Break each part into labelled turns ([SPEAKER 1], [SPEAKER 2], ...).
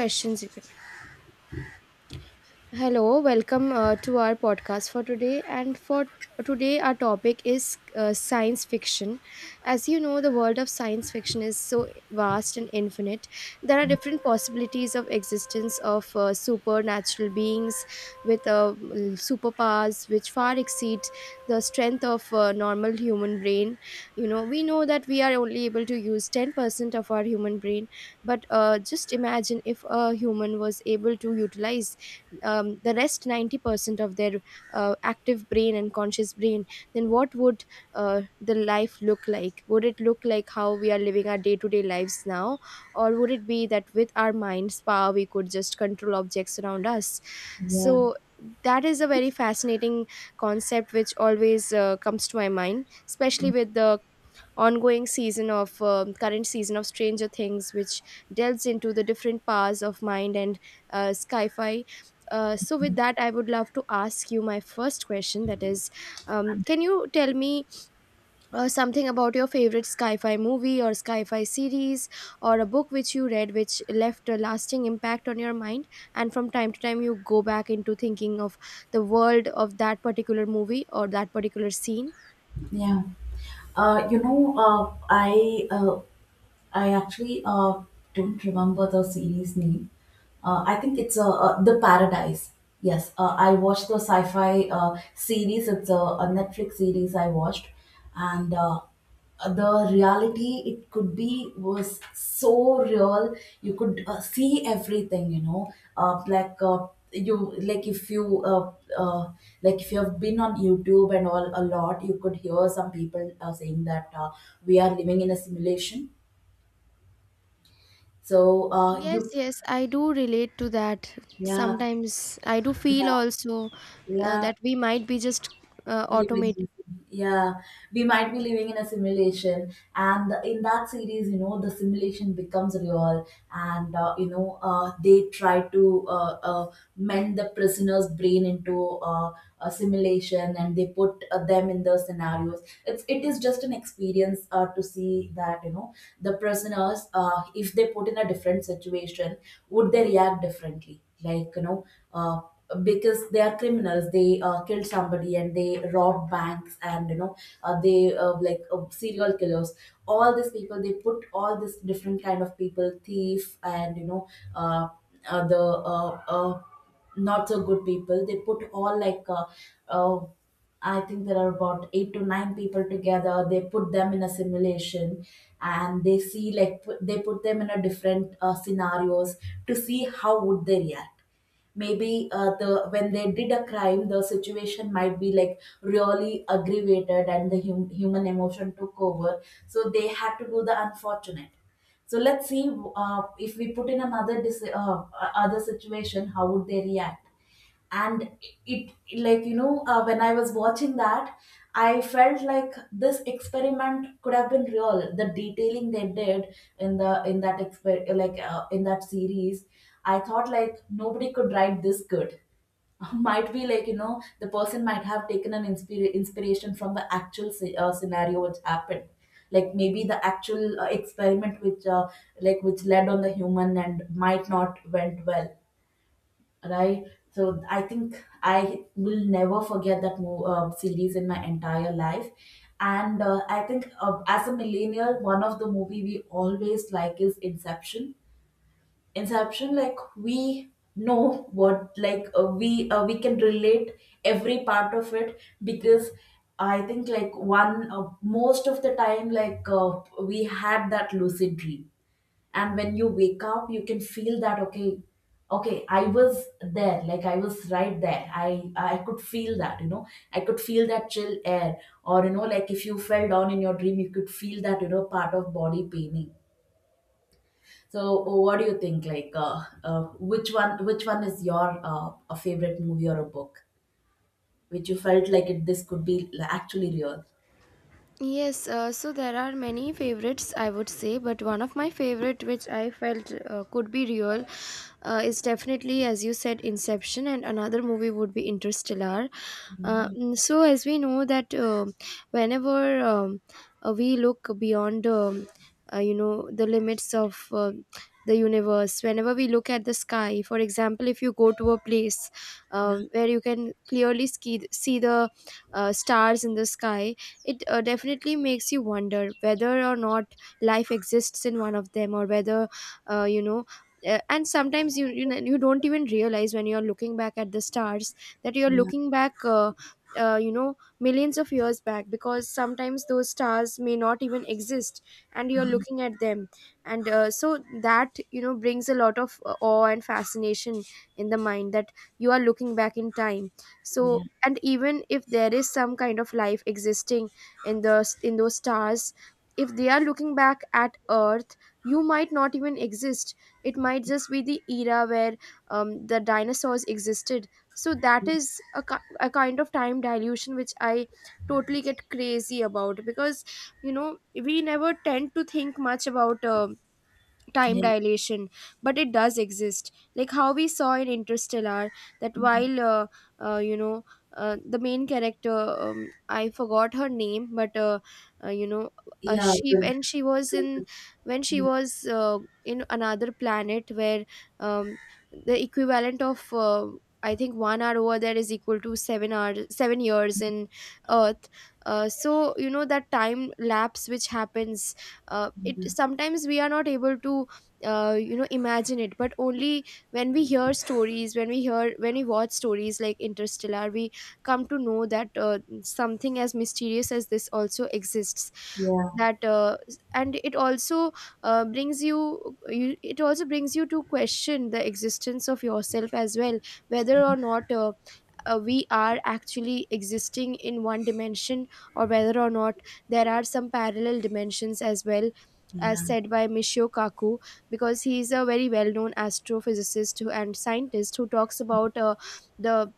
[SPEAKER 1] Questions you can. Hello, welcome to our podcast for today. And for today, our topic is science fiction. As you know, the world of science fiction is so vast and infinite. There are different possibilities of existence of supernatural beings with superpowers which far exceed the strength of normal human brain. You know, we know that we are only able to use 10% of our human brain, but just imagine if a human was able to utilize the rest 90% of their active brain and conscious brain, then what would the life look like? Would it look like how we are living our day-to-day lives now, or would it be that with our mind's power we could just control objects around us?
[SPEAKER 2] Yeah.
[SPEAKER 1] So that is a very fascinating concept which always comes to my mind, especially with the ongoing season of current season of Stranger Things, which delves into the different powers of mind and sci-fi. So with
[SPEAKER 2] Mm-hmm.
[SPEAKER 1] that, I would love to ask you my first question. That is, can you tell me something about your favorite sci-fi movie or sci-fi series or a book which you read which left a lasting impact on your mind? And from time to time, you go back into thinking of the world of that particular movie or that particular scene.
[SPEAKER 2] Yeah. Uh, you know, uh, I uh, I actually don't remember the series name. I think it's The Paradise. Yes, I watched the sci fi series. It's a Netflix series I watched. And The reality it could be was so real. You could see everything, you know. Like, you like if you uh, like if you have been on youtube and all a lot you could hear some people saying that we are living in a simulation. So,
[SPEAKER 1] Yes,
[SPEAKER 2] you,
[SPEAKER 1] yes, I do relate to that.
[SPEAKER 2] yeah,
[SPEAKER 1] Sometimes I do feel
[SPEAKER 2] yeah,
[SPEAKER 1] also
[SPEAKER 2] yeah.
[SPEAKER 1] that we might be just
[SPEAKER 2] living
[SPEAKER 1] automating.
[SPEAKER 2] yeah we might be living in a simulation, and in that series, you know, the simulation becomes real. And you know, they try to mend the prisoner's brain into a simulation, and they put them in the scenarios. It is just an experience to see that, you know, the prisoners, if they put in a different situation, would they react differently? Like, you know, uh, because they are criminals, they killed somebody and they robbed banks, and you know, they like serial killers, all these people, they put all this different kind of people, thief, and you know, uh, the not so good people, they put all like, uh, I think there are about eight to nine people together. They put them in a simulation, and they see like they put them in a different scenarios to see how would they react. Maybe the when they did a crime, the situation might be like really aggravated and the human emotion took over, so they had to do the unfortunate. So let's see, uh, if we put in another other situation, how would they react? And it, like, you know, when I was watching that, I felt like this experiment could have been real. The detailing they did in that in that series, I thought like nobody could write this good. Might be like, you know, the person might have taken an inspiration from the actual scenario which happened. Like maybe the actual experiment which like which led on the human and might not went well, right? So I think I will never forget that series in my entire life. And I think, as a millennial, one of the movie we always like is Inception. Inception, like we know what, we can relate every part of it, because I think like one most of the time, we had that lucid dream, and when you wake up, you can feel that, okay, okay I was there, like I was right there, i could feel that, you know, I could feel that chill air, or, you know, like if you fell down in your dream, you could feel that, you know, part of body paining. So oh, what do you think, which one is your a favorite movie or a book which you felt like it this could be actually real?
[SPEAKER 1] Yes, so there are many favorites, I would say, but one of my favorite, which I felt could be real, is definitely, as you said, Inception, and another movie would be Interstellar. So, as we know that whenever we look beyond, you know, the limits of the universe, whenever we look at the sky, for example, if you go to a place
[SPEAKER 2] Yeah
[SPEAKER 1] where you can clearly see the stars in the sky, it definitely makes you wonder whether or not life exists in one of them, or whether uh, you know and sometimes you know, you don't even realize when you're looking back at the stars that you're
[SPEAKER 2] yeah
[SPEAKER 1] looking back you know millions of years back, because sometimes those stars may not even exist and you're looking at them. And so that, you know, brings a lot of awe and fascination in the mind, that you are looking back in time. So,
[SPEAKER 2] yeah
[SPEAKER 1] and even if there is some kind of life existing in those stars, if they are looking back at earth, you might not even exist. It might just be the era where the dinosaurs existed. So that is a kind of time dilution which I totally get crazy about, because, you know, we never tend to think much about time
[SPEAKER 2] yeah
[SPEAKER 1] dilation, but it does exist. Like how we saw in Interstellar, that while uh, you know the main character, I forgot her name, but uh, you know
[SPEAKER 2] yeah
[SPEAKER 1] she,
[SPEAKER 2] yeah
[SPEAKER 1] when she was in, when she was in another planet where um, the equivalent of I think 1 hour over there is equal to 7 years in earth. So, you know, that time lapse which happens, it sometimes we are not able to you know imagine it, but only when we hear stories, when we hear, when we watch stories like Interstellar, we come to know that something as mysterious as this also exists.
[SPEAKER 2] yeah
[SPEAKER 1] That And it also you, it also brings you to question the existence of yourself as well, whether or not we are actually existing in one dimension, or whether or not there are some parallel dimensions as well, as
[SPEAKER 2] yeah,
[SPEAKER 1] said by Michio Kaku, because he is a very well known astrophysicist and scientist who talks about the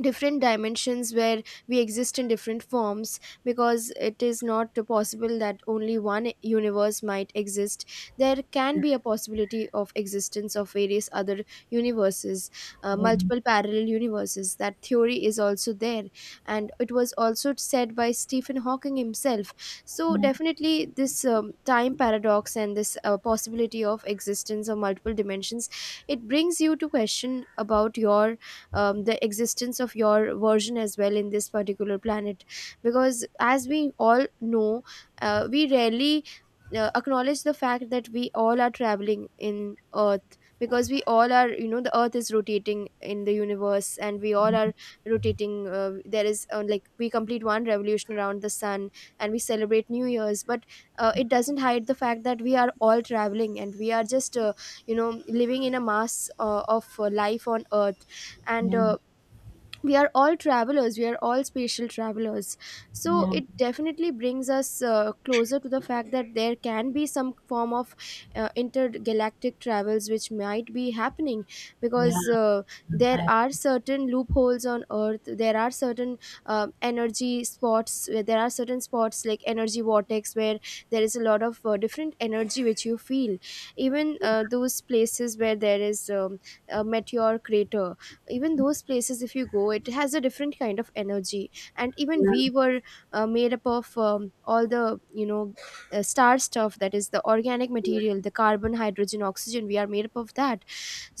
[SPEAKER 1] different dimensions where we exist in different forms, because it is not possible that only one universe might exist. There can be a possibility of existence of various other universes.
[SPEAKER 2] yeah.
[SPEAKER 1] Multiple parallel universes, that theory is also there. And it was also said by Stephen Hawking himself. So
[SPEAKER 2] Yeah,
[SPEAKER 1] definitely this time paradox and this possibility of existence of multiple dimensions, it brings you to question about your the existence of your version as well in this particular planet. Because, as we all know, we rarely acknowledge the fact that we all are traveling in earth, because we all are, you know, the earth is rotating in the universe and we all are rotating. There is Like, we complete one revolution around the sun and we celebrate new year's, but it doesn't hide the fact that we are all traveling and we are just you know, living in a mass of life on earth. And
[SPEAKER 2] yeah,
[SPEAKER 1] We are all travelers, we are all spatial travelers. So
[SPEAKER 2] yeah,
[SPEAKER 1] it definitely brings us closer to the fact that there can be some form of intergalactic travels which might be happening.
[SPEAKER 2] yeah,
[SPEAKER 1] Because there
[SPEAKER 2] I,
[SPEAKER 1] are certain loopholes on earth, there are certain energy spots, where there are certain spots like energy vortex, where there is a lot of different energy which you feel. Even those places where there is a meteor crater, even those places, if you go, it has a different kind of energy. And even
[SPEAKER 2] yeah,
[SPEAKER 1] we were made up of all the, you know, star stuff, that is the organic material, the carbon, hydrogen, oxygen, we are made up of that.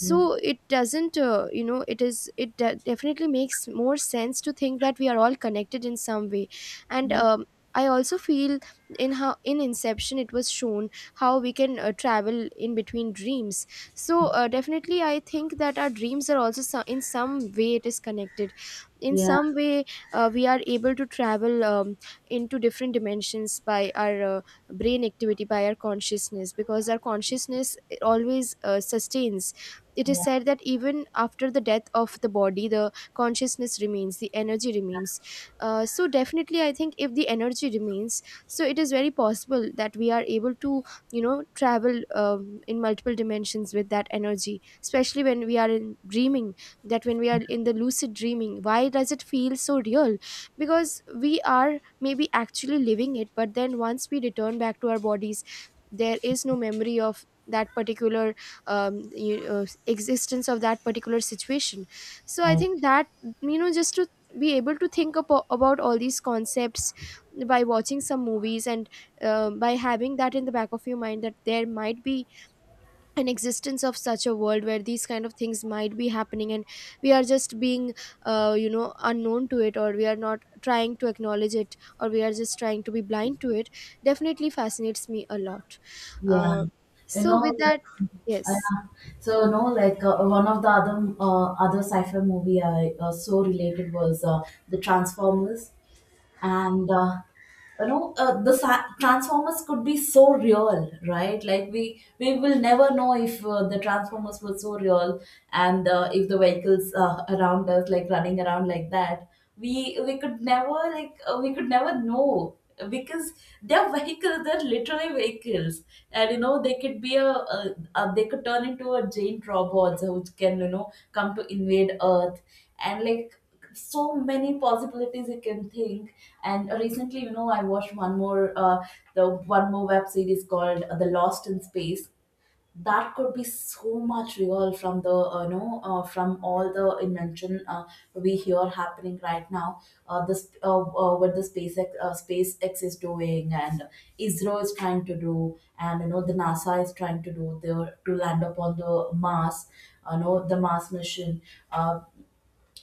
[SPEAKER 2] yeah,
[SPEAKER 1] it doesn't you know, it is, it definitely makes more sense to think that we are all connected in some way. And
[SPEAKER 2] yeah,
[SPEAKER 1] I also feel, in how in Inception it was shown how we can travel in between dreams. So definitely I think that our dreams are also in some way it is connected. In
[SPEAKER 2] yeah,
[SPEAKER 1] some way we are able to travel into different dimensions by our brain activity, by our consciousness, because our consciousness always sustains. It is
[SPEAKER 2] yeah,
[SPEAKER 1] said that even after the death of the body, the consciousness remains, the energy remains. So, definitely, I think if the energy remains, so it is very possible that we are able to, you know, travel in multiple dimensions with that energy, especially when we are in dreaming, that when we are in the lucid dreaming, why does it feel so real? Because we are maybe actually living it, but then once we return back to our bodies, there is no memory of that particular um, you, uh, existence of that particular situation. So I
[SPEAKER 2] I,
[SPEAKER 1] think that, you know, just to be able to think about all these concepts by watching some movies and by having that in the back of your mind, that there might be an existence of such a world where these kind of things might be happening and we are just being you know, unknown to it, or we are not trying to acknowledge it, or we are just trying to be blind to it, definitely fascinates me a lot.
[SPEAKER 2] Yeah.
[SPEAKER 1] uh,
[SPEAKER 2] You
[SPEAKER 1] so
[SPEAKER 2] know,
[SPEAKER 1] with that,
[SPEAKER 2] like, I,
[SPEAKER 1] yes.
[SPEAKER 2] so no, like, one of the other sci-fi movie I so related was the Transformers. And you know, transformers could be so real, right? Like we will never know if the transformers were so real. And if the vehicles around us like running around like that, we could never know, because they're vehicles, they're literally vehicles. And you know, they could be a they could turn into a giant robots which can, you know, come to invade earth. And like so many possibilities you can think. And recently, you know, I watched one more, the one more web series called, the lost in space. That could be so much real from the, from all the invention, we hear happening right now. This What the spacex is doing, and israel is trying to do, and you know, the nasa is trying to do there to land upon the mars. You know, the mars mission. uh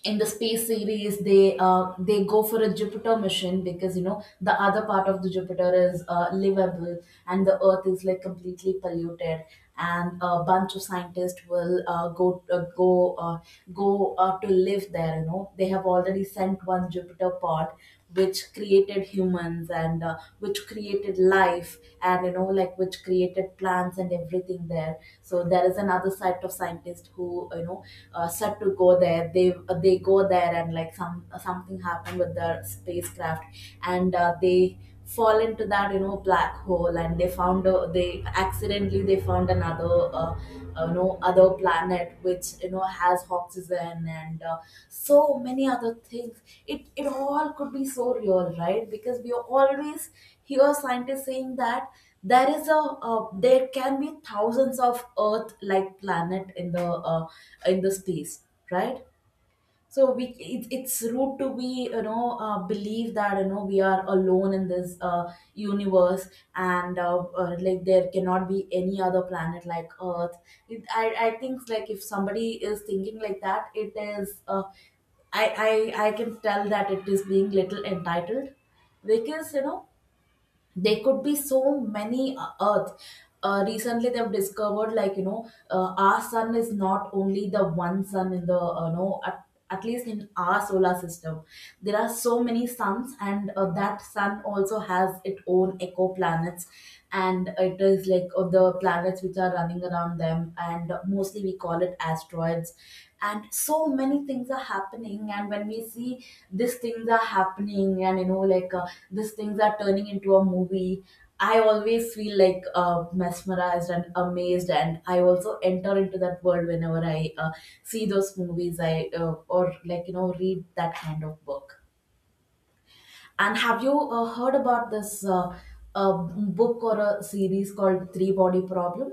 [SPEAKER 2] in the space series, they go for a jupiter mission, because you know the other part of the jupiter is livable, and the earth is like completely polluted, and a bunch of scientists will go to live there. You know, they have already sent one jupiter pod which created humans, and which created life, and you know, like which created plants and everything there. So there is another side of scientists who, you know, said to go there. They they go there, and like some, something happened with their spacecraft, and they fall into that, you know, black hole, and they found they accidentally they found another, you know, other planet which you know has oxygen, and so many other things. It all could be so real, right? Because we always hear scientists saying that there is a there can be thousands of earth like planet in the, in the space, right? So we, it's rude to be you know, believe that, you know, we are alone in this universe, and like there cannot be any other planet like earth. I think like if somebody is thinking like that, it is, uh, I can tell that it is being little entitled, because you know there could be so many earth. Recently they've discovered, like, you know, our sun is not only the one sun in the, no at, at least in our solar system. There are so many suns, and that sun also has its own eco planets, and it is like, the planets which are running around them, and mostly we call it asteroids. And so many things are happening, and when we see these things are happening, and you know like, these things are turning into a movie, I always feel like mesmerized and amazed, and I also enter into that world whenever i see those movies, i or like, you know, read that kind of book. And have you heard about this, uh, book or a series called three body problem?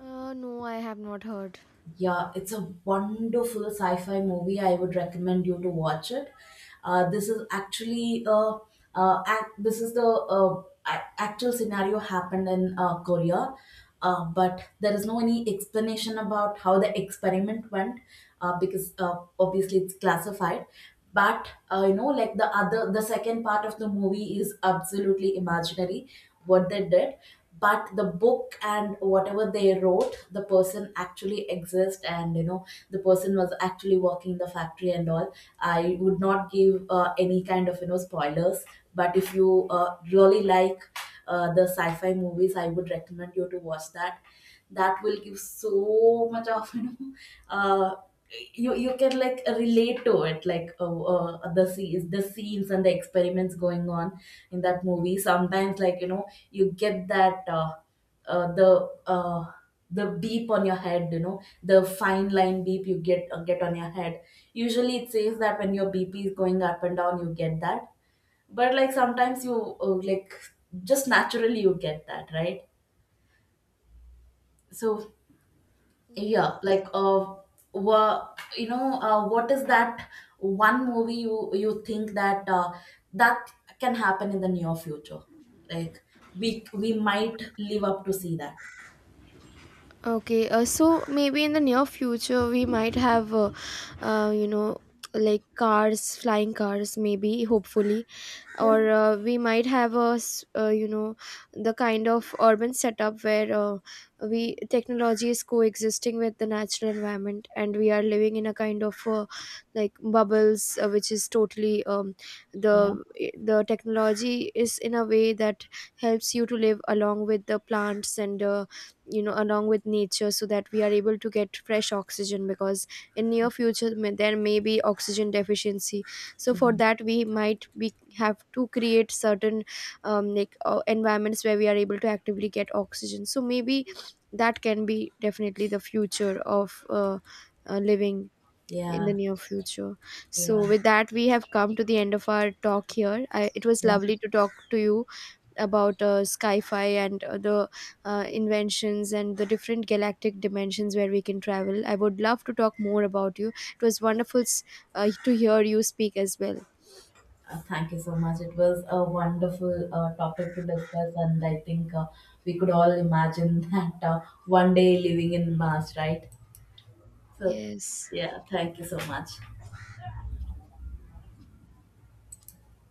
[SPEAKER 1] No, I have not heard.
[SPEAKER 2] Yeah, it's a wonderful sci-fi movie. I would recommend you to watch it. Uh, this is actually uh, this is the, actual scenario happened in, Korea. But there is no any explanation about how the experiment went, because, obviously it's classified. But, you know, like the other, the second part of the movie is absolutely imaginary. What they did, but the book and whatever they wrote, the person actually exists, and you know, the person was actually working the factory and all. I would not give any kind of, you know, spoilers, but if you really like the sci-fi movies, I would recommend you to watch that. That will give so much of you know, uh, you you can like relate to it, like, the scenes and the experiments going on in that movie. Sometimes like, you know, you get that, uh, the uh, the beep on your head, you know, the fine line beep you get, get on your head. Usually it says that when your bp is going up and down, you get that. But like sometimes you, just naturally you get that, right? So yeah,
[SPEAKER 1] Yes.
[SPEAKER 2] like wha- you know, what is that one movie you, you think that, that can happen in the near future, like we might live up to see that?
[SPEAKER 1] Okay, so maybe in the near future we might have, you know, like cars, flying cars, maybe, hopefully,
[SPEAKER 2] Yeah.
[SPEAKER 1] or we might have you know, the kind of urban setup where we, technology is coexisting with the natural environment, and we are living in a kind of like bubbles, which is totally
[SPEAKER 2] yeah
[SPEAKER 1] the the technology is in a way that helps you to live along with the plants. And you know, along with nature, so that we are able to get fresh oxygen, because in near future there may be oxygen deficiency. So for
[SPEAKER 2] yeah
[SPEAKER 1] that we might be have to create certain environments where we are able to actively get oxygen. So maybe that can be definitely the future of living in the
[SPEAKER 2] yeah
[SPEAKER 1] near future. So,
[SPEAKER 2] yeah
[SPEAKER 1] with that, we have come to the end of our talk here. I, it was
[SPEAKER 2] yeah.
[SPEAKER 1] lovely to talk to you about sci-fi and the inventions and the different galactic dimensions where we can travel. I would love to talk more about you. It was wonderful to hear you speak as well.
[SPEAKER 2] Thank you so much. It was a wonderful topic to discuss, and I think we could all imagine that one day living in Mars, right? So,
[SPEAKER 1] Yes.
[SPEAKER 2] yeah, thank you so much.